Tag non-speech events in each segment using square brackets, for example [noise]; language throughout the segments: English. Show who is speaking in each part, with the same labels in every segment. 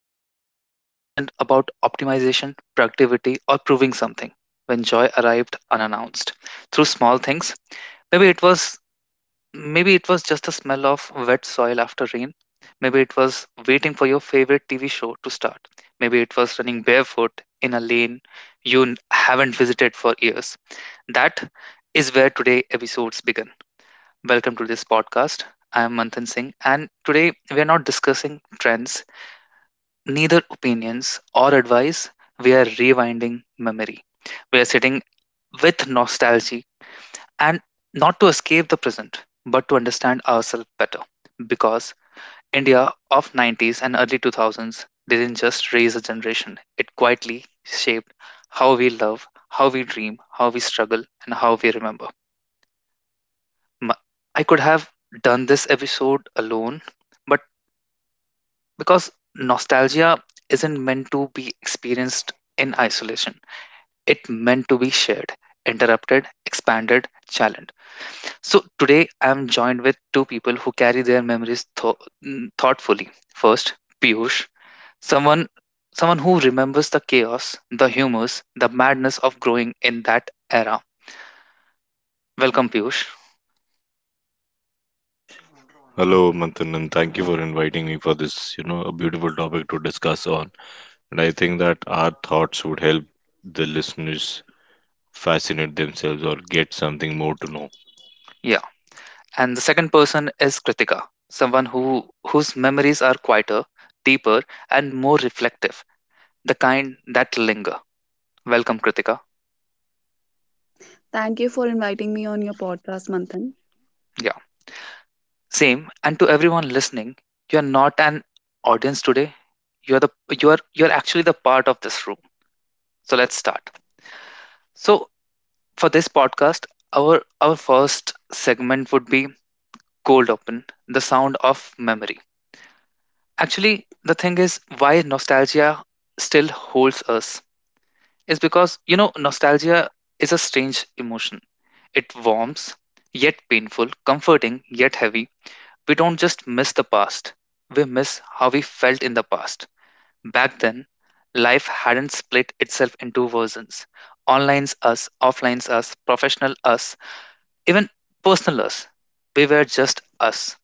Speaker 1: When life wasn't about optimization, productivity, or proving something. When joy arrived unannounced through small things. Maybe it was Maybe it was just the smell of wet soil after rain. Maybe it was waiting for your favorite TV show to start. Maybe it was running barefoot in a lane haven't visited for years. That is where today episodes begin. Welcome to this podcast. I am Manthan Singh, and today we are not discussing trends, neither opinions or advice. We are rewinding memory. We are sitting with nostalgia, and not to escape the present but to understand ourselves better, because India of 90s and early 2000s didn't just raise a generation, it quietly shaped how we love, how we dream, how we struggle, and how we remember. M- I could have done this episode alone, but because nostalgia isn't meant to be experienced in isolation, it meant to be shared, interrupted, expanded, challenged. So today I'm joined with two people who carry their memories thoughtfully. First, Piyush, someone someone who remembers the chaos, the humors, the madness of growing in that era. Welcome, Piyush.
Speaker 2: Hello, Manthan, and thank you for inviting me for this, you know, a beautiful topic to discuss on. And I think that our thoughts would help the listeners fascinate themselves or get something more to know.
Speaker 1: Yeah. And the second person is Kritika, someone whose memories are quieter, deeper and more reflective, the kind that linger. Welcome, Kritika.
Speaker 3: Thank you for inviting me on your podcast, Manthan.
Speaker 1: Yeah. Same. And to everyone listening, you are not an audience today, you're the you're actually the part of this room. So let's start. So for this podcast, our our first segment would be cold open, the sound of memory. Actually, the thing is, why nostalgia still holds us is because nostalgia is a strange emotion. It warms yet painful, comforting yet heavy. We don't just miss the past, we miss how we felt in the past. Back then, life hadn't split itself into versions: online us, offline us, professional us, even personal us. We were just us.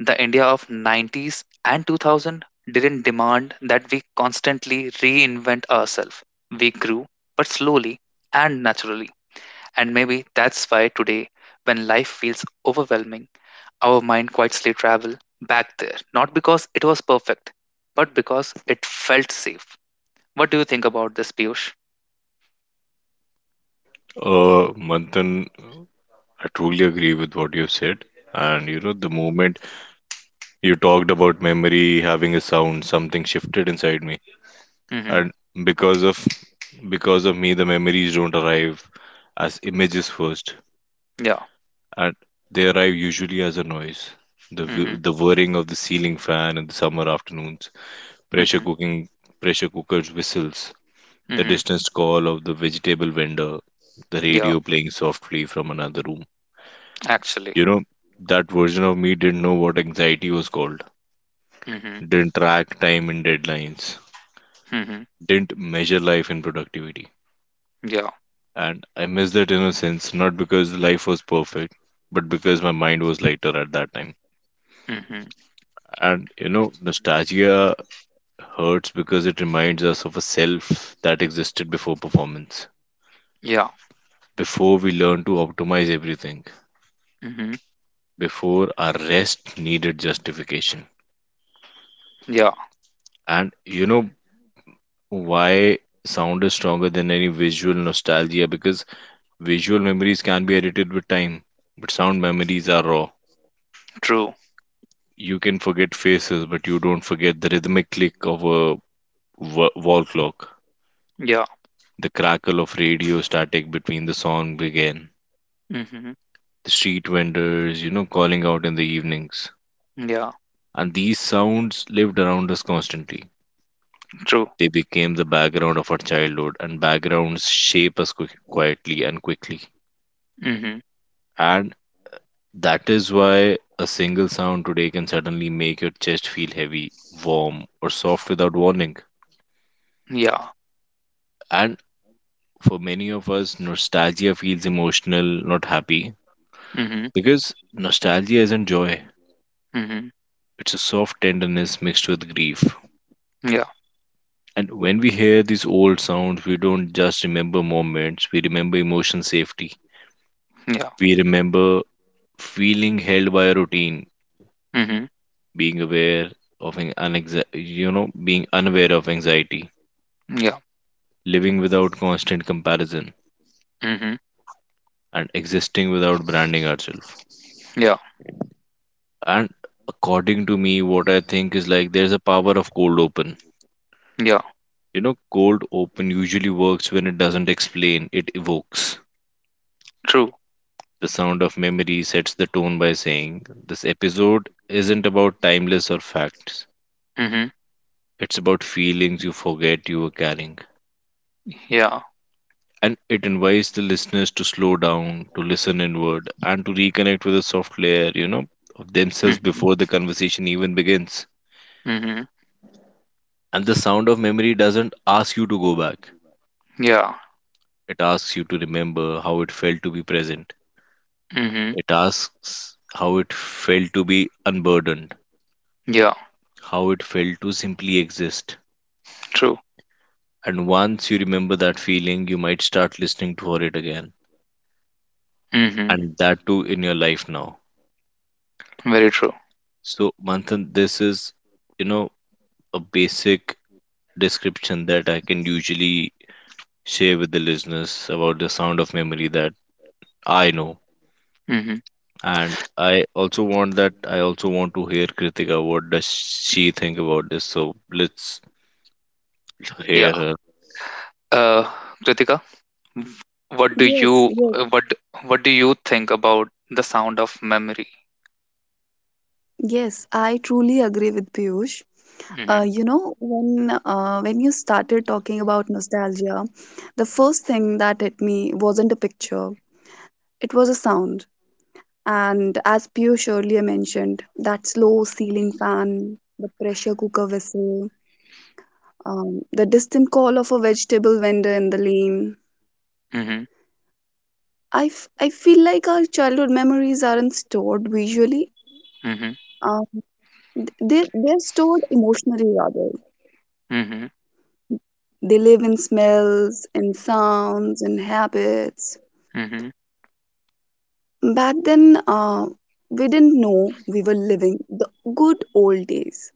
Speaker 1: The India of 90s and 2000 didn't demand that we constantly reinvent ourselves. We grew, but slowly and naturally. And maybe that's why today, when life feels overwhelming, our mind quietly travel back there, not because it was perfect, but because it felt safe. What do you think about this, Piyush?
Speaker 2: Manthan, I truly agree with what you've said. And you know, the moment you talked about memory having a sound, something shifted inside me.
Speaker 1: Mm-hmm.
Speaker 2: And because of because of me, the memories don't arrive as images first.
Speaker 1: Yeah.
Speaker 2: And they arrive usually as a noise. The whi-
Speaker 1: Mm-hmm.
Speaker 2: the whirring of the ceiling fan in the summer afternoons, pressure
Speaker 1: Mm-hmm.
Speaker 2: cooking pressure cookers whistles, the
Speaker 1: Mm-hmm.
Speaker 2: distant call of the vegetable vendor, the
Speaker 1: Yeah.
Speaker 2: radio playing softly from another room.
Speaker 1: Actually.
Speaker 2: You know, that version of me didn't know what anxiety was called,
Speaker 1: Mm-hmm.
Speaker 2: didn't track time in deadlines,
Speaker 1: Mm-hmm.
Speaker 2: didn't measure life in productivity.
Speaker 1: Yeah.
Speaker 2: And I miss that innocence not because life was perfect, but because my mind was lighter at that time.
Speaker 1: Mm-hmm.
Speaker 2: And you know, nostalgia hurts because it reminds us of a self that existed before performance,
Speaker 1: Yeah.
Speaker 2: before we learned to optimize everything,
Speaker 1: Mm-hmm.
Speaker 2: before our rest needed justification.
Speaker 1: Yeah.
Speaker 2: And you know why sound is stronger than any visual nostalgia? Because visual memories can be edited with time, but sound memories are raw.
Speaker 1: True.
Speaker 2: You can forget faces, but you don't forget the rhythmic click of a wall clock,
Speaker 1: Yeah.
Speaker 2: the crackle of radio static between the song began,
Speaker 1: Mm-hmm.
Speaker 2: the street vendors, calling out in the evenings.
Speaker 1: Yeah.
Speaker 2: And these sounds lived around us constantly.
Speaker 1: True.
Speaker 2: They became the background of our childhood, and backgrounds shape us quietly and quickly.
Speaker 1: Mm-hmm.
Speaker 2: And that is why a single sound today can suddenly make your chest feel heavy, warm, or soft without warning.
Speaker 1: Yeah.
Speaker 2: And for many of us, nostalgia feels emotional, not happy,
Speaker 1: Mm-hmm.
Speaker 2: because nostalgia isn't joy.
Speaker 1: Mm-hmm.
Speaker 2: It's a soft tenderness mixed with grief.
Speaker 1: Yeah.
Speaker 2: And when we hear these old sounds, we don't just remember moments, we remember emotion safety.
Speaker 1: Yeah.
Speaker 2: We remember feeling held by a routine,
Speaker 1: Mm-hmm.
Speaker 2: being aware of an unexa- you know, being unaware of anxiety,
Speaker 1: Yeah.
Speaker 2: living without constant comparison,
Speaker 1: Mm-hmm.
Speaker 2: and existing without branding ourselves.
Speaker 1: Yeah.
Speaker 2: And according to me, what I think is like there's a power of cold open.
Speaker 1: Yeah.
Speaker 2: You know, cold open usually works when it doesn't explain, it evokes.
Speaker 1: True.
Speaker 2: The sound of memory sets the tone by saying, this episode isn't about timeless or facts,
Speaker 1: Mm-hmm.
Speaker 2: it's about feelings you forget you were carrying.
Speaker 1: Yeah.
Speaker 2: And it invites the listeners to slow down, to listen inward, and to reconnect with a soft layer, of themselves
Speaker 1: Mm-hmm.
Speaker 2: before the conversation even begins.
Speaker 1: Mm-hmm.
Speaker 2: And the sound of memory doesn't ask you to go back,
Speaker 1: Yeah.
Speaker 2: it asks you to remember how it felt to be present.
Speaker 1: Mm-hmm.
Speaker 2: It asks how it felt to be unburdened,
Speaker 1: Yeah.
Speaker 2: how it felt to simply exist.
Speaker 1: True.
Speaker 2: And once you remember that feeling, you might start listening for it again.
Speaker 1: Mm-hmm.
Speaker 2: And that too in your life now.
Speaker 1: Very true.
Speaker 2: So, Manthan, this is, you know, a basic description that I can usually share with the listeners about the sound of memory that I know.
Speaker 1: Mm-hmm.
Speaker 2: And I also want to hear Kritika. What does she think about this? So, let's
Speaker 1: Yeah.
Speaker 2: hear her.
Speaker 1: Uh, Kritika. What do
Speaker 3: Yes,
Speaker 1: you
Speaker 3: yes,
Speaker 1: uh, what what do you think about the sound of memory?
Speaker 3: yes. I truly agree with Piyush.
Speaker 1: Mm-hmm.
Speaker 3: When you started talking about nostalgia, the first thing that hit me wasn't a picture; it was a sound. And as Piyush earlier mentioned, that slow ceiling fan, the pressure cooker whistle, the distant call of a vegetable vendor in the lane.
Speaker 1: Mm-hmm.
Speaker 3: I feel like our childhood memories aren't stored visually.
Speaker 1: Mm-hmm.
Speaker 3: Uh, they're stored emotionally rather.
Speaker 1: Mm-hmm.
Speaker 3: They live in smells, in sounds, in habits.
Speaker 1: Mm-hmm.
Speaker 3: Back then, we didn't know we were living the good old days.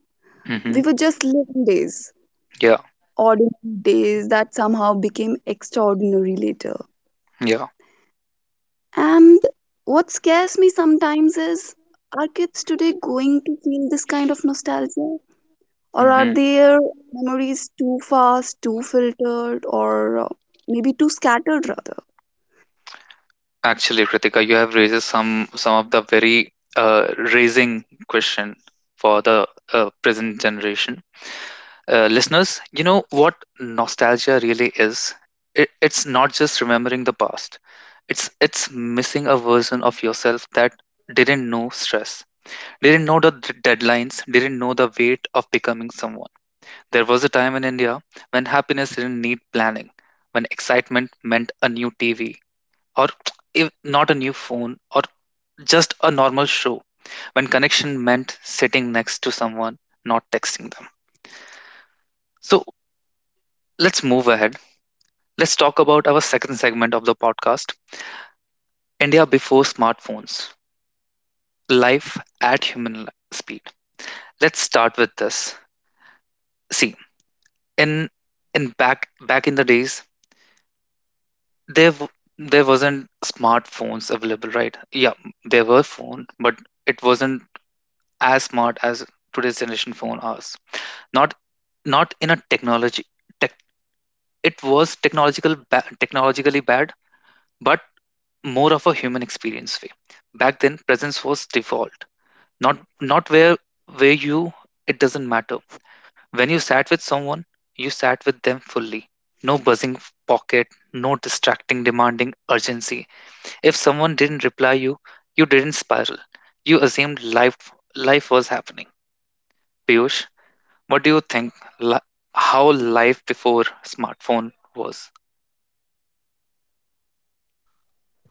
Speaker 1: Mm-hmm.
Speaker 3: We were just living days,
Speaker 1: Yeah.
Speaker 3: ordinary days that somehow became extraordinary later.
Speaker 1: Yeah.
Speaker 3: And what scares me sometimes is, are kids today going to feel this kind of nostalgia? Or are
Speaker 1: Mm-hmm.
Speaker 3: their memories too fast, too filtered, or maybe too scattered rather?
Speaker 1: Actually, Kritika, you have raised some of the very uh, raising question for the present generation listeners. You know what nostalgia really is? It's not just remembering the past. It's missing a version of yourself that didn't know stress, didn't know the deadlines, didn't know the weight of becoming someone. There was a time in India when happiness didn't need planning, when excitement meant a new TV, or [tsk] if not a new phone, or just a normal show, when connection meant sitting next to someone, not texting them. So let's move ahead. Let's talk about our second segment of the podcast: India before smartphones, life at speed. Let's start with this. See, in in back in the days, there w- there wasn't smartphones available, right? Yeah. There were phone, but it wasn't as smart as today's generation phone is. Not not in a tech, it was technologically bad, but more of a human experience way. Back then, presence was default. Not not where where you It doesn't matter, when you sat with someone, you sat with them fully. No buzzing pocket, no distracting demanding urgency. If someone didn't reply you, you didn't spiral. You assumed life was happening. Piyush, what do you think, li- how life before smartphone was?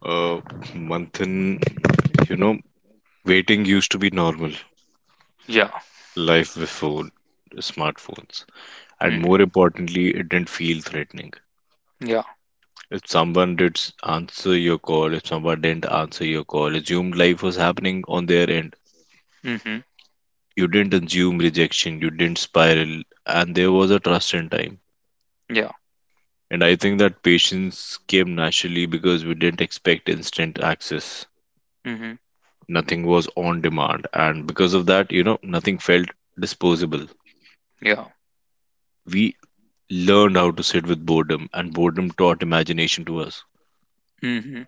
Speaker 2: Uh, Manthan, you know, waiting used to be normal.
Speaker 1: Yeah.
Speaker 2: Life before smartphones. And
Speaker 1: Mm.
Speaker 2: more importantly, it didn't feel threatening.
Speaker 1: Yeah.
Speaker 2: If someone did s- answer your call, if someone didn't answer your call, assumed life was happening on their end.
Speaker 1: Mhm.
Speaker 2: You didn't assume rejection, you didn't spiral, and there was a trust in time.
Speaker 1: Yeah.
Speaker 2: And I think that patience came naturally because we didn't expect instant access.
Speaker 1: Mhm.
Speaker 2: Nothing was on demand, and because of that, you know, nothing felt disposable.
Speaker 1: Yeah.
Speaker 2: We learned how to sit with boredom, and boredom taught imagination to us.
Speaker 1: Mhm.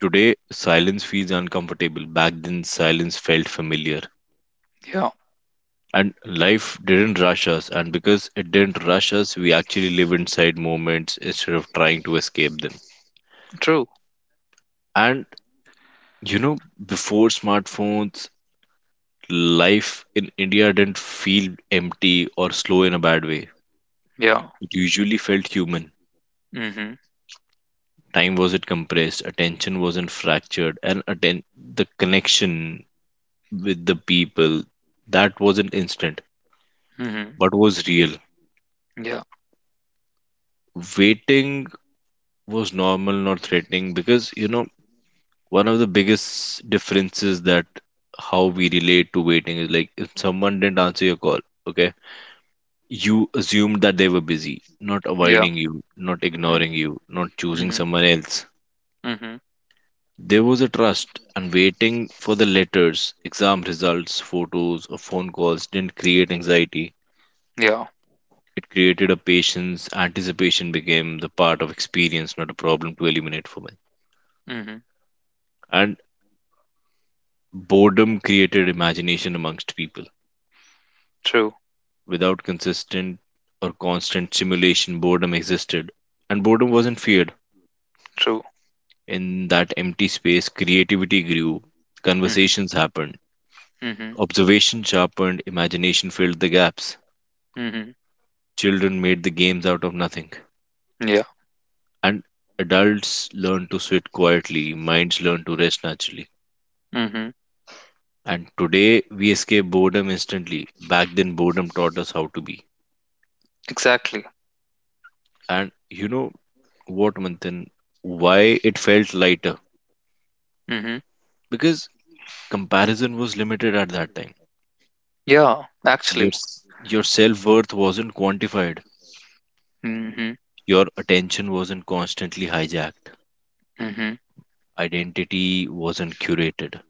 Speaker 2: Today, silence feels uncomfortable. Back then, silence felt familiar.
Speaker 1: Yeah.
Speaker 2: And life didn't rush us, and because it didn't rush us, we actually live inside moments instead of trying to escape them.
Speaker 1: True.
Speaker 2: And you know, before smartphones, life in India didn't feel empty or slow in a bad way.
Speaker 1: Yeah.
Speaker 2: It usually felt human.
Speaker 1: Mhm.
Speaker 2: Time wasn't compressed, attention wasn't fractured, and the connection with the people that wasn't instant
Speaker 1: Mhm.
Speaker 2: but was real.
Speaker 1: Yeah.
Speaker 2: Waiting was normal, not threatening, because you know one of the biggest differences that how we relate to waiting is like if someone didn't answer your call, okay, you assumed that they were busy, not
Speaker 1: Yeah.
Speaker 2: avoiding you, not
Speaker 1: Mhm.
Speaker 2: ignoring you, not choosing
Speaker 1: Mhm.
Speaker 2: someone else.
Speaker 1: Mhm.
Speaker 2: There was a trust, and waiting for the letters, exam results, photos, or phone calls didn't create anxiety.
Speaker 1: Yeah.
Speaker 2: It created a patience. Anticipation became the part of experience, not a problem to eliminate for me.
Speaker 1: Mhm.
Speaker 2: And. Boredom created imagination amongst people.
Speaker 1: True.
Speaker 2: Without consistent or constant stimulation, boredom existed, and boredom wasn't feared.
Speaker 1: True.
Speaker 2: In that empty space, creativity grew,
Speaker 1: Mhm.
Speaker 2: conversations happened,
Speaker 1: Mhm.
Speaker 2: observation sharpened, imagination filled the gaps.
Speaker 1: Mhm.
Speaker 2: Children made the games out of nothing,
Speaker 1: Yeah.
Speaker 2: and adults learned to sit quietly, minds learned to rest naturally.
Speaker 1: Mhm.
Speaker 2: And today, we escape boredom instantly. Back then, boredom taught us how to be.
Speaker 1: Exactly.
Speaker 2: And you know, what Manthan, why it felt lighter?
Speaker 1: Mhm.
Speaker 2: Because comparison was limited at that time.
Speaker 1: Yeah.
Speaker 2: Your
Speaker 1: Actually.
Speaker 2: s- your self worth wasn't quantified.
Speaker 1: Mhm.
Speaker 2: Your attention wasn't constantly hijacked.
Speaker 1: Mhm.
Speaker 2: Identity wasn't curated.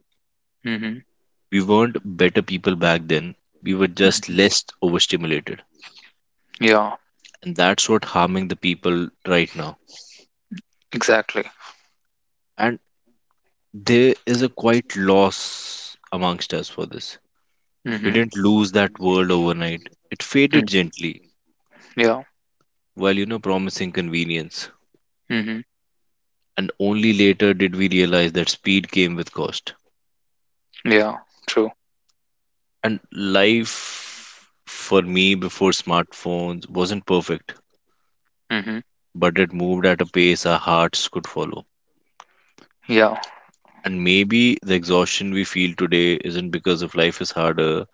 Speaker 1: Mhm,
Speaker 2: We weren't better people back then. We were just
Speaker 1: mhm.
Speaker 2: less overstimulated,
Speaker 1: Yeah,
Speaker 2: and that's what harming the people right now.
Speaker 1: exactly.
Speaker 2: And there is a quite loss amongst us for this. We
Speaker 1: Mhm,
Speaker 2: didn't lose that world overnight. It faded
Speaker 1: mm.
Speaker 2: gently
Speaker 1: Yeah.
Speaker 2: while you know promising convenience.
Speaker 1: Mhm.
Speaker 2: And only later did we realize that speed came with cost.
Speaker 1: Yeah, true.
Speaker 2: And life for me before smartphones wasn't perfect,
Speaker 1: Mhm.
Speaker 2: but it moved at a pace our hearts could follow.
Speaker 1: Yeah.
Speaker 2: And maybe the exhaustion we feel today isn't because of life is harder,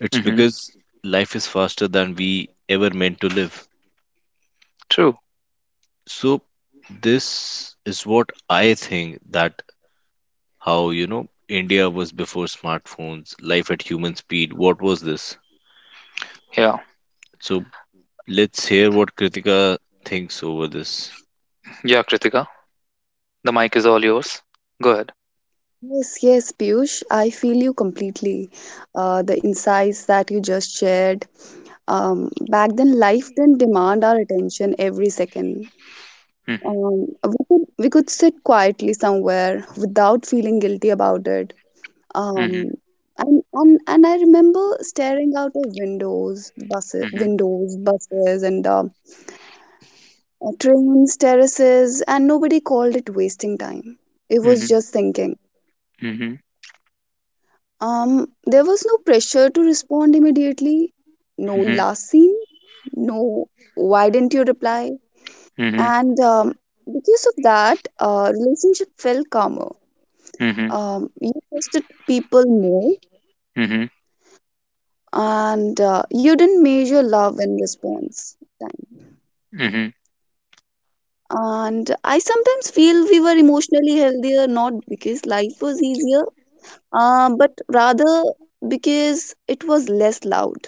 Speaker 2: it's
Speaker 1: Mhm.
Speaker 2: because life is faster than we ever meant to live.
Speaker 1: True.
Speaker 2: So, this is what I think that how you know India was before smartphones, life at human speed. What was this?
Speaker 1: Yeah.
Speaker 2: So let's hear what Kritika thinks over this.
Speaker 1: Yeah, Kritika, the mic is all yours. Go ahead.
Speaker 3: Yes, Piyush, I feel you completely. The insights that you just shared. Back then, life didn't demand our attention every second.
Speaker 1: Mhm.
Speaker 3: We could sit quietly somewhere without feeling guilty about it.
Speaker 1: Mhm.
Speaker 3: Um, and I remember staring out of windows,
Speaker 1: Mhm.
Speaker 3: buses, and trains, terraces, and nobody called it wasting time. It was
Speaker 1: Mhm.
Speaker 3: just thinking.
Speaker 1: Mhm.
Speaker 3: There was no pressure to respond immediately, no
Speaker 1: Mhm.
Speaker 3: last scene, no why didn't you reply?
Speaker 1: Mhm.
Speaker 3: And because of that, relationship felt calmer.
Speaker 1: Mhm.
Speaker 3: You trusted people more,
Speaker 1: Mhm.
Speaker 3: and you didn't measure love in response time.
Speaker 1: Mhm.
Speaker 3: And I sometimes feel we were emotionally healthier, not because life was easier, but rather because it was less loud.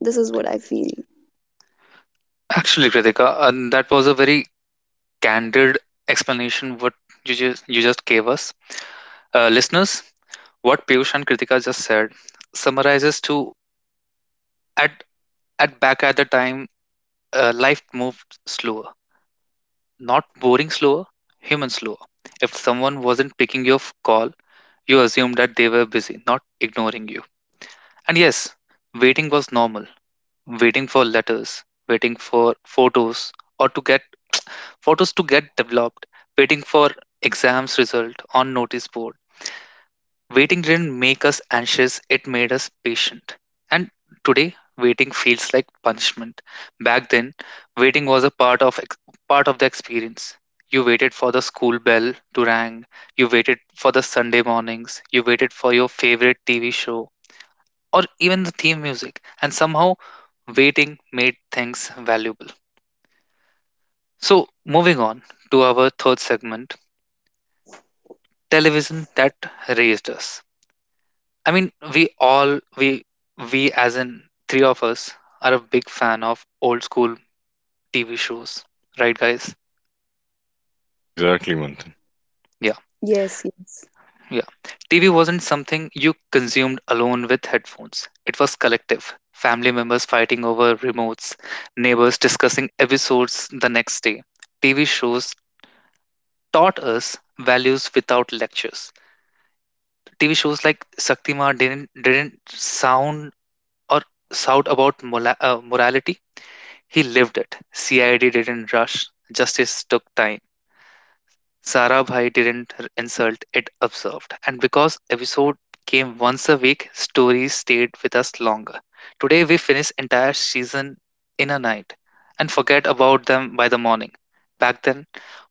Speaker 3: This is what I feel.
Speaker 1: Actually, Kritika, that was a very candid explanation what you just gave us. Listeners, what Piyush and Kritika just said summarizes to at at back at the time, life moved slower. Not boring slower, human slower. If someone wasn't picking your call, you assumed that they were busy, not ignoring you. And yes, waiting was normal. Waiting for letters, waiting for photos, or to get photos to get developed, waiting for exams result on notice board. Waiting didn't make us anxious, it made us patient. And today, waiting feels like punishment. Back then, waiting was a part of ex- part of the experience. You waited for the school bell to ring, you waited for the Sunday mornings, you waited for your favorite TV show or even the theme music, and somehow waiting made things valuable. So, moving on to our third segment, television that raised us. I mean, we as in three of us are a big fan of old school TV shows, right, guys?
Speaker 2: Exactly, Manthan.
Speaker 1: Yeah,
Speaker 3: Yes.
Speaker 1: yeah. TV wasn't something you consumed alone with headphones. It was collective. Family members fighting over remotes, neighbors discussing episodes the next day. TV shows taught us values without lectures. TV shows like Saktima didn't sound or shout about morality. He lived it. CID didn't rush, justice took time. Sarabhai didn't r- insult, it observed. And because episode came once a week, stories stayed with us longer. Today we finish entire season in a night and forget about them by the morning. Back then,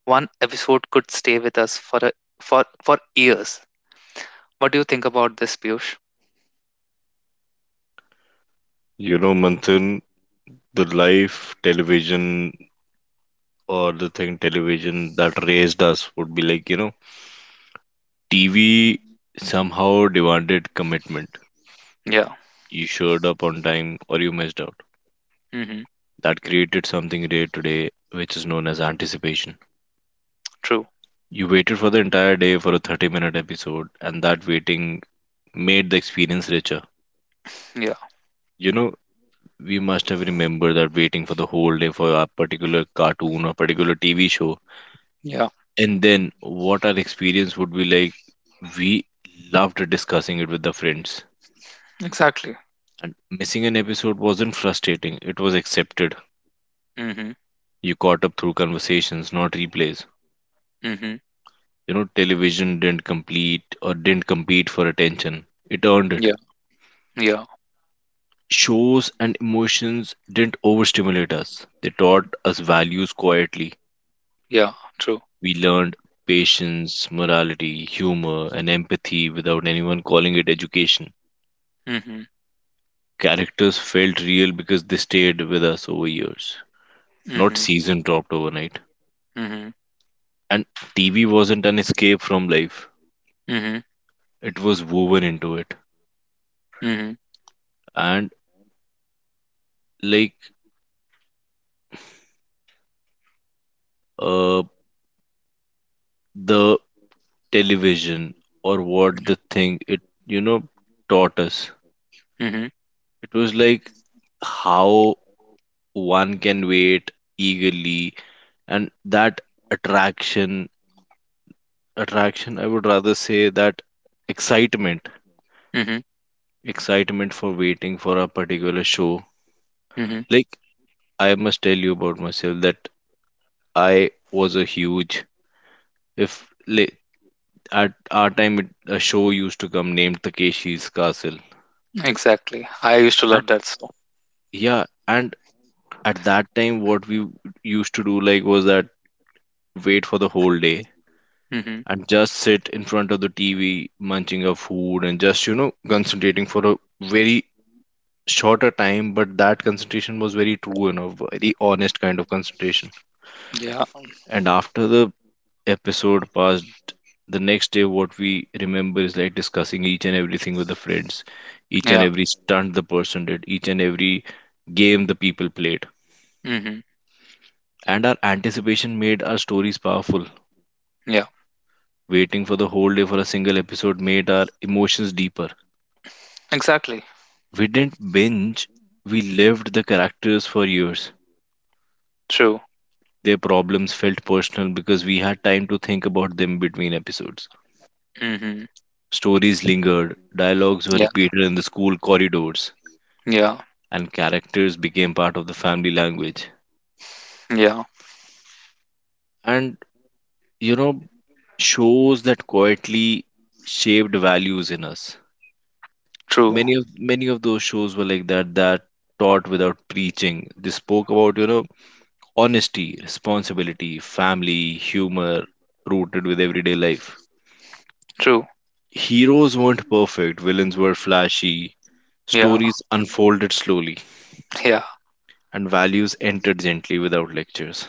Speaker 1: one episode could stay with us for a, for for years. What do you think about this, Piyush?
Speaker 2: You know, Manthan, the live television or the thing television that raised us would be like, you know, TV somehow demanded commitment.
Speaker 1: Yeah.
Speaker 2: You showed up on time or you missed out.
Speaker 1: Mm-hmm.
Speaker 2: That created something rare today, which is known as anticipation.
Speaker 1: True.
Speaker 2: You waited for the entire day for a 30-minute episode, and that waiting made the experience richer.
Speaker 1: Yeah.
Speaker 2: You know, we must have remembered that waiting for the whole day for a particular cartoon or particular TV show,
Speaker 1: Yeah.
Speaker 2: and then what our experience would be like. We loved discussing it with the friends.
Speaker 1: Exactly.
Speaker 2: And missing an episode wasn't frustrating, it was accepted.
Speaker 1: Mm-hmm.
Speaker 2: You caught up through conversations, not replays.
Speaker 1: Mm-hmm.
Speaker 2: You know, television didn't complete or didn't compete for attention. It earned it.
Speaker 1: Yeah. Yeah.
Speaker 2: Shows and emotions didn't overstimulate us. They taught us values quietly.
Speaker 1: Yeah. True.
Speaker 2: We learned patience, morality, humor, and empathy without anyone calling it education.
Speaker 1: Mhm,
Speaker 2: Characters felt real because they stayed with us over years, not
Speaker 1: mhm,
Speaker 2: season dropped overnight.
Speaker 1: mhm,
Speaker 2: And TV wasn't an escape from life,
Speaker 1: mhm,
Speaker 2: it was woven into it.
Speaker 1: mhm,
Speaker 2: And like uh, the television or what
Speaker 1: mhm,
Speaker 2: the thing it, you know, taught us,
Speaker 1: mhm,
Speaker 2: it was like how one can wait eagerly and that attraction attraction, I would rather say that excitement,
Speaker 1: mhm,
Speaker 2: excitement for waiting for a particular show.
Speaker 1: mhm.
Speaker 2: Like, I must tell you about myself that I was a huge, if like, at our time it, a show used to come named Takeshi's Castle.
Speaker 1: Exactly. I used to
Speaker 2: And
Speaker 1: love that song.
Speaker 2: yeah, and at that time, what we used to do like was that wait for the whole day
Speaker 1: Hmm.
Speaker 2: and just sit in front of the TV munching our food and just you know concentrating for a very shorter time, but that concentration was very true, you know, very honest kind of concentration.
Speaker 1: Yeah,
Speaker 2: And after the episode passed, the next day, what we remember is like discussing each and everything with the friends, each and
Speaker 1: yeah.
Speaker 2: every stunt the person did, each and every game the people played.
Speaker 1: Hmm.
Speaker 2: And our anticipation made our stories powerful.
Speaker 1: Yeah.
Speaker 2: Waiting for the whole day for a single episode made our emotions deeper.
Speaker 1: Exactly.
Speaker 2: We didn't binge, we lived the characters for years.
Speaker 1: True.
Speaker 2: Their problems felt personal because we had time to think about them between episodes.
Speaker 1: Hmm.
Speaker 2: Stories lingered, dialogues were
Speaker 1: Yeah,
Speaker 2: repeated in the school corridors,
Speaker 1: yeah,
Speaker 2: and characters became part of the family language.
Speaker 1: yeah.
Speaker 2: And, you know, shows that quietly shaped values in us.
Speaker 1: True,
Speaker 2: Many of those shows were like that that taught without preaching. They spoke about, you know, honesty, responsibility, family, humor, rooted with everyday life.
Speaker 1: true.
Speaker 2: Heroes weren't perfect, villains were flashy.
Speaker 1: Yeah,
Speaker 2: Stories unfolded slowly,
Speaker 1: yeah.
Speaker 2: and values entered gently without lectures.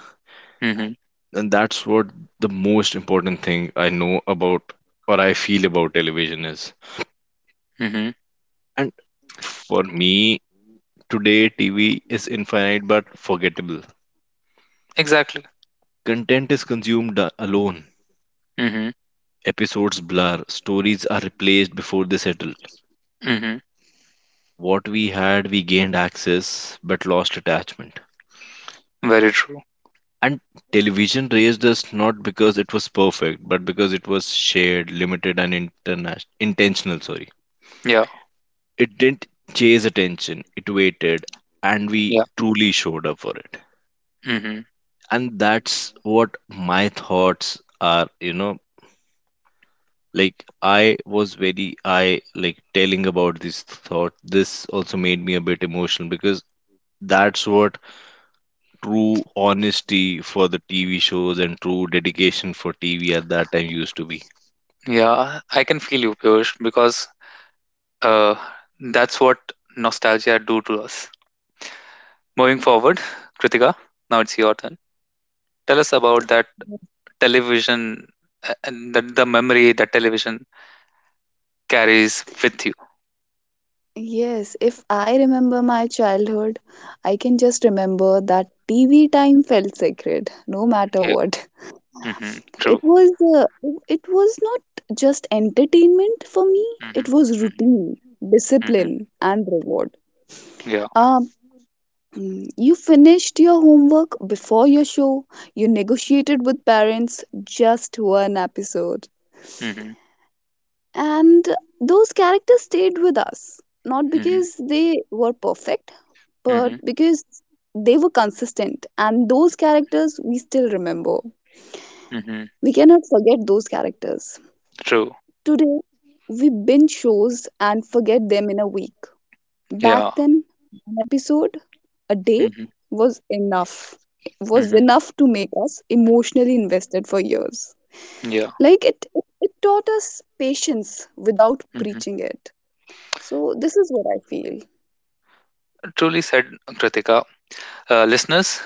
Speaker 1: Hmm.
Speaker 2: And that's what the most important thing I know about or I feel about television is.
Speaker 1: Hmm.
Speaker 2: And for me, today TV is infinite but forgettable.
Speaker 1: Exactly.
Speaker 2: Content is consumed alone.
Speaker 1: Hmm.
Speaker 2: Episodes blur, stories are replaced before they settle.
Speaker 1: Hmm.
Speaker 2: What we had, we gained access but lost attachment.
Speaker 1: Very true.
Speaker 2: And television raised us not because it was perfect, but because it was shared, limited, and intentional. Sorry,
Speaker 1: Yeah,
Speaker 2: it didn't chase attention; it waited, and we
Speaker 1: yeah.
Speaker 2: truly showed up for it.
Speaker 1: Hmm.
Speaker 2: And that's what my thoughts are. You know, like I was very I like telling about this thought. This also made me a bit emotional because that's what true honesty for the TV shows and true dedication for TV at that time used to be.
Speaker 1: Yeah, I can feel you, Piyush, because, uh, that's what nostalgia do to us. Moving forward, Kritika, now it's your turn. Tell us about that television, and the memory that television carries with you.
Speaker 3: Yes, if I remember my childhood, I can just remember that TV time felt sacred, no matter
Speaker 1: Yeah.
Speaker 3: what. [laughs]
Speaker 1: Mm-hmm.
Speaker 3: It
Speaker 1: True.
Speaker 3: was uh, it was not just entertainment for me, it
Speaker 1: Mm-hmm.
Speaker 3: was
Speaker 1: Mm-hmm.
Speaker 3: routine,
Speaker 1: Mm-hmm.
Speaker 3: discipline, and reward.
Speaker 1: Yeah.
Speaker 3: Um, you finished your homework before your show, you negotiated with parents, just one episode,
Speaker 1: Mm-hmm.
Speaker 3: and those characters stayed with us not because
Speaker 1: Mm-hmm.
Speaker 3: they were perfect but
Speaker 1: Mm-hmm.
Speaker 3: because they were consistent, and those characters we still remember.
Speaker 1: Mm-hmm.
Speaker 3: We cannot forget those characters.
Speaker 1: True.
Speaker 3: Today we binge shows and forget them in a week. Back
Speaker 1: Yeah.
Speaker 3: then, an episode a day
Speaker 1: Mm-hmm.
Speaker 3: was
Speaker 1: Mm-hmm.
Speaker 3: enough to make us emotionally invested for years.
Speaker 1: Yeah.
Speaker 3: Like it taught us patience without
Speaker 1: Mm-hmm.
Speaker 3: preaching it. So this is what I feel.
Speaker 1: Truly said, Kritika. Listeners,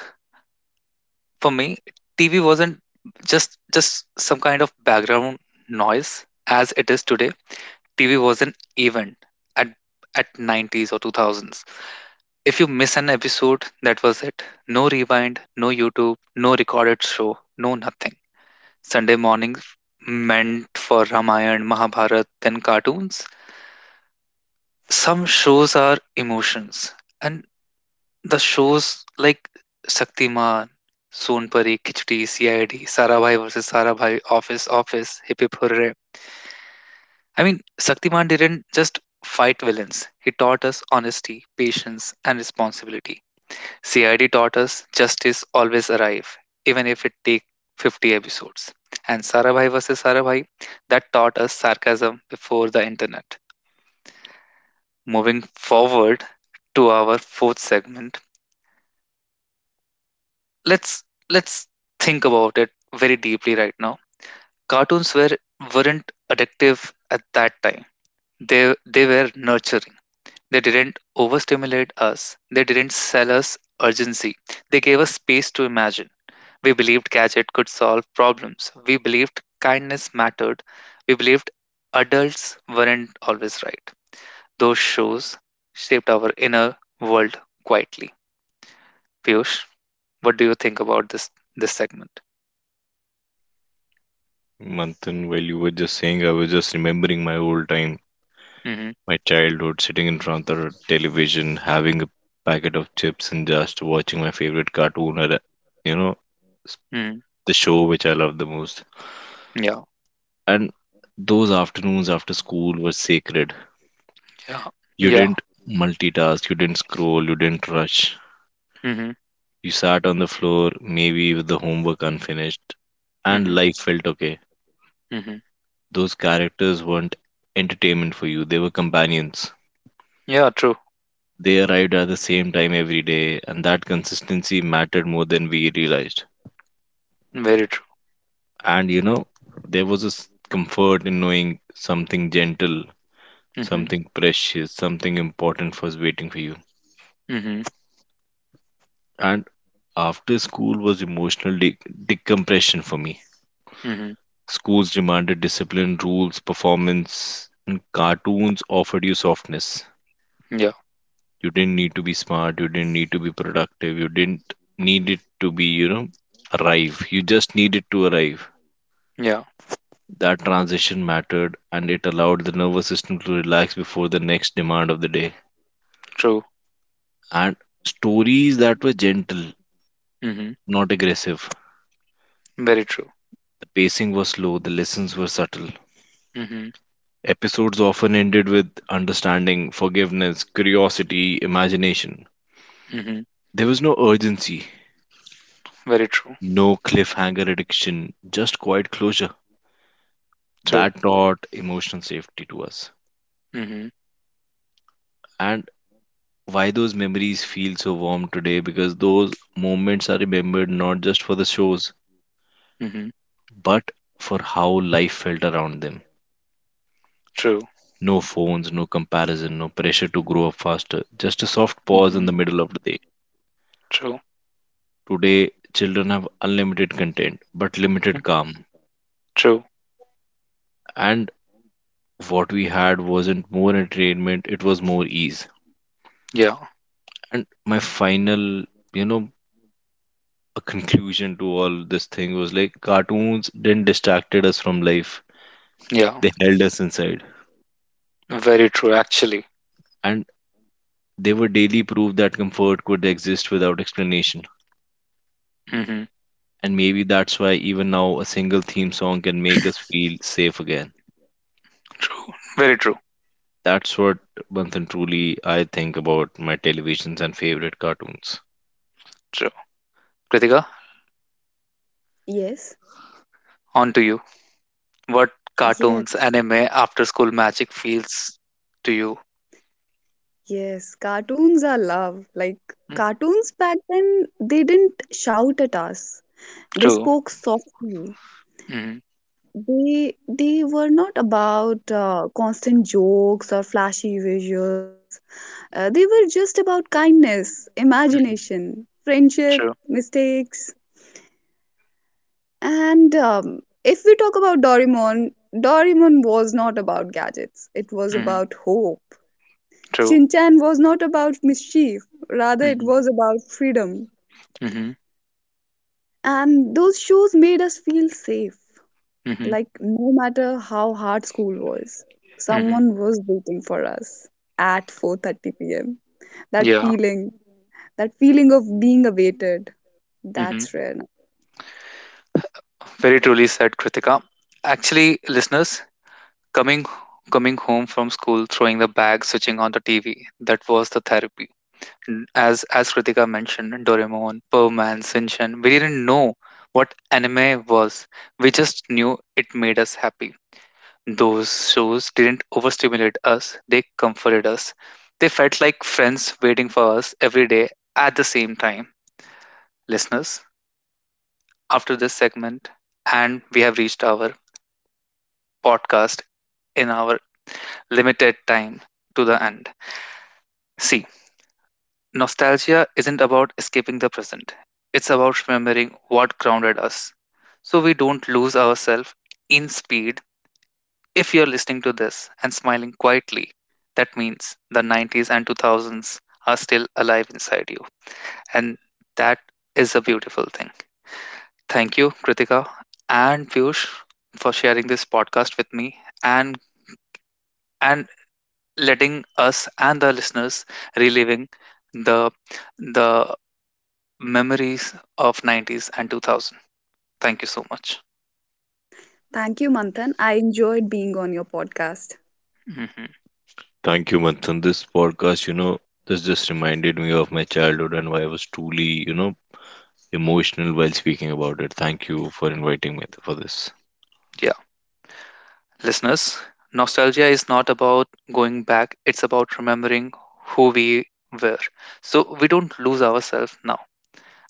Speaker 1: for me, TV wasn't just some kind of background noise as it is today. TV was an event at 90s or 2000s. If you miss an episode, that was it. No rewind, no YouTube, no recorded show, no nothing. Sunday mornings meant for Ramayana, Mahabharat, then cartoons. Some shows are emotions, and the shows like Shaktiman, Sonpari, Kichdi, CID, Sarabhai versus Sarabhai, Office, Office, Hip Hip Hurray. I mean, Shaktiman didn't just fight villains, he taught us honesty, patience, and responsibility. CID taught us justice always arrive, even if it take 50 episodes. And Sarabhai vs. Sarabhai, that taught us sarcasm before the internet. Moving forward to our fourth segment, let's let's think about it very deeply right now. Cartoons weren't addictive at that time. They were nurturing. They didn't overstimulate us. They didn't sell us urgency. They gave us space to imagine. We believed gadget could solve problems. We believed kindness mattered. We believed adults weren't always right. Those shows shaped our inner world quietly. Piyush, what do you think about this segment?
Speaker 2: Manthan, while you were just saying, I was just remembering my old time,
Speaker 1: Hmm.
Speaker 2: my childhood, sitting in front of the television, having a packet of chips and just watching my favorite cartoon or, you know, s-
Speaker 1: Hmm.
Speaker 2: the show which I love the most.
Speaker 1: Yeah,
Speaker 2: And those afternoons after school were sacred.
Speaker 1: yeah,
Speaker 2: You
Speaker 1: yeah.
Speaker 2: didn't multitask, you didn't scroll, you didn't rush.
Speaker 1: Hmm.
Speaker 2: You sat on the floor, maybe with the homework unfinished, and
Speaker 1: Hmm.
Speaker 2: life felt okay.
Speaker 1: Hmm.
Speaker 2: Those characters weren't entertainment for you, they were companions.
Speaker 1: Yeah, true.
Speaker 2: They arrived at the same time every day, and that consistency mattered more than we realized.
Speaker 1: Very true.
Speaker 2: And you know, there was a comfort in knowing something gentle,
Speaker 1: Hmm.
Speaker 2: something precious, something important was waiting for you.
Speaker 1: Hmm.
Speaker 2: And after school was emotional decompression for me.
Speaker 1: Hmm.
Speaker 2: Schools demanded discipline, rules, performance, and cartoons offered you softness.
Speaker 1: Yeah,
Speaker 2: You didn't need to be smart, you didn't need to be productive, you didn't need it to be, you know, arrive. You just needed to arrive.
Speaker 1: yeah,
Speaker 2: That transition mattered and it allowed the nervous system to relax before the next demand of the day.
Speaker 1: true.
Speaker 2: And stories that were gentle,
Speaker 1: Hmm.
Speaker 2: not aggressive.
Speaker 1: Very true.
Speaker 2: The pacing was slow, the lessons were subtle.
Speaker 1: Hmm.
Speaker 2: Episodes often ended with understanding, forgiveness, curiosity, imagination.
Speaker 1: Hmm.
Speaker 2: There was no urgency,
Speaker 1: Very true.
Speaker 2: no cliffhanger addiction, just quiet closure.
Speaker 1: True.
Speaker 2: That taught emotional safety to us.
Speaker 1: Hmm.
Speaker 2: And why those memories feel so warm today because those moments are remembered not just for the shows
Speaker 1: Hmm.
Speaker 2: but for how life felt around them.
Speaker 1: True.
Speaker 2: No phones, no comparison, no pressure to grow up faster, just a soft pause in
Speaker 1: Mm-hmm.
Speaker 2: the middle of the day.
Speaker 1: True.
Speaker 2: Today, children have unlimited content, but limited
Speaker 1: Mm.
Speaker 2: calm.
Speaker 1: True.
Speaker 2: And what we had wasn't more entertainment, it was more ease.
Speaker 1: Yeah.
Speaker 2: And my final, you know, a conclusion to all this thing was like cartoons didn't distracted us from life.
Speaker 1: Yeah.
Speaker 2: They held us inside.
Speaker 1: Very true, actually.
Speaker 2: And they were daily proof that comfort could exist without explanation.
Speaker 1: Hmm.
Speaker 2: And maybe that's why even now a single theme song can make us feel safe again.
Speaker 1: True. Very true.
Speaker 2: That's what Manthan truly I think about my televisions and favorite cartoons.
Speaker 1: True. Kritika,
Speaker 3: Yes,
Speaker 1: on to you. What cartoons,
Speaker 3: yes,
Speaker 1: anime, after school magic feels to you?
Speaker 3: yes. Cartoons are love. Like
Speaker 1: Mm.
Speaker 3: cartoons back then, they didn't shout at us. They
Speaker 1: True.
Speaker 3: spoke softly.
Speaker 1: Hmm.
Speaker 3: They were not about constant jokes or flashy visuals. They were just about kindness,
Speaker 1: Hmm.
Speaker 3: imagination, friendship,
Speaker 1: True.
Speaker 3: mistakes, and if we talk about Doraemon, Doraemon was not about gadgets. It was
Speaker 1: Hmm.
Speaker 3: about hope.
Speaker 1: True.
Speaker 3: Shin was not about mischief, rather it
Speaker 1: Hmm.
Speaker 3: was about freedom.
Speaker 1: Hmm.
Speaker 3: And those shows made us feel safe,
Speaker 1: Hmm.
Speaker 3: like no matter how hard school was,
Speaker 1: Hmm.
Speaker 3: someone was waiting for us at 4:30 p.m. That
Speaker 1: Yeah.
Speaker 3: feeling, that feeling of being awaited,
Speaker 1: Hmm.
Speaker 3: that's rare.
Speaker 1: Very truly said, Kritika. Actually, listeners, coming coming home from school, throwing the bag, switching on the TV, that was the therapy. As Kritika mentioned, Doraemon, Perman, Shinchan, we didn't know what anime was. We just knew it made us happy. Those shows didn't overstimulate us; they comforted us. They felt like friends waiting for us every day at the same time. Listeners, after this segment, and we have reached our podcast in our limited time to the end. See, nostalgia isn't about escaping the present, it's about remembering what grounded us so we don't lose ourselves in speed. If you're listening to this and smiling quietly, that means the 90s and 2000s are still alive inside you. And that is a beautiful thing. Thank you, Kritika and Piyush, for sharing this podcast with me and and letting us and the listeners reliving the the memories of 90s and 2000. Thank you so much.
Speaker 3: Thank you, Manthan. I enjoyed being on your podcast.
Speaker 1: Hmm.
Speaker 2: Thank you, Manthan. This podcast, you know, this just reminded me of my childhood and why I was truly, you know, emotional while speaking about it. Thank you for inviting me for this.
Speaker 1: Yeah. Listeners, nostalgia is not about going back, it's about remembering who we were. So we don't lose ourselves now.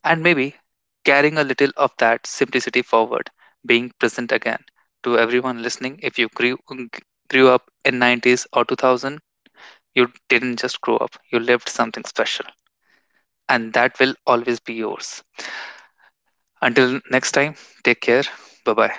Speaker 1: And maybe carrying a little of that simplicity forward, being present again. To everyone listening, if you grew up in 90s or 2000, you didn't just grow up, you lived something special. And that will always be yours. Until next time, take care. Bye bye.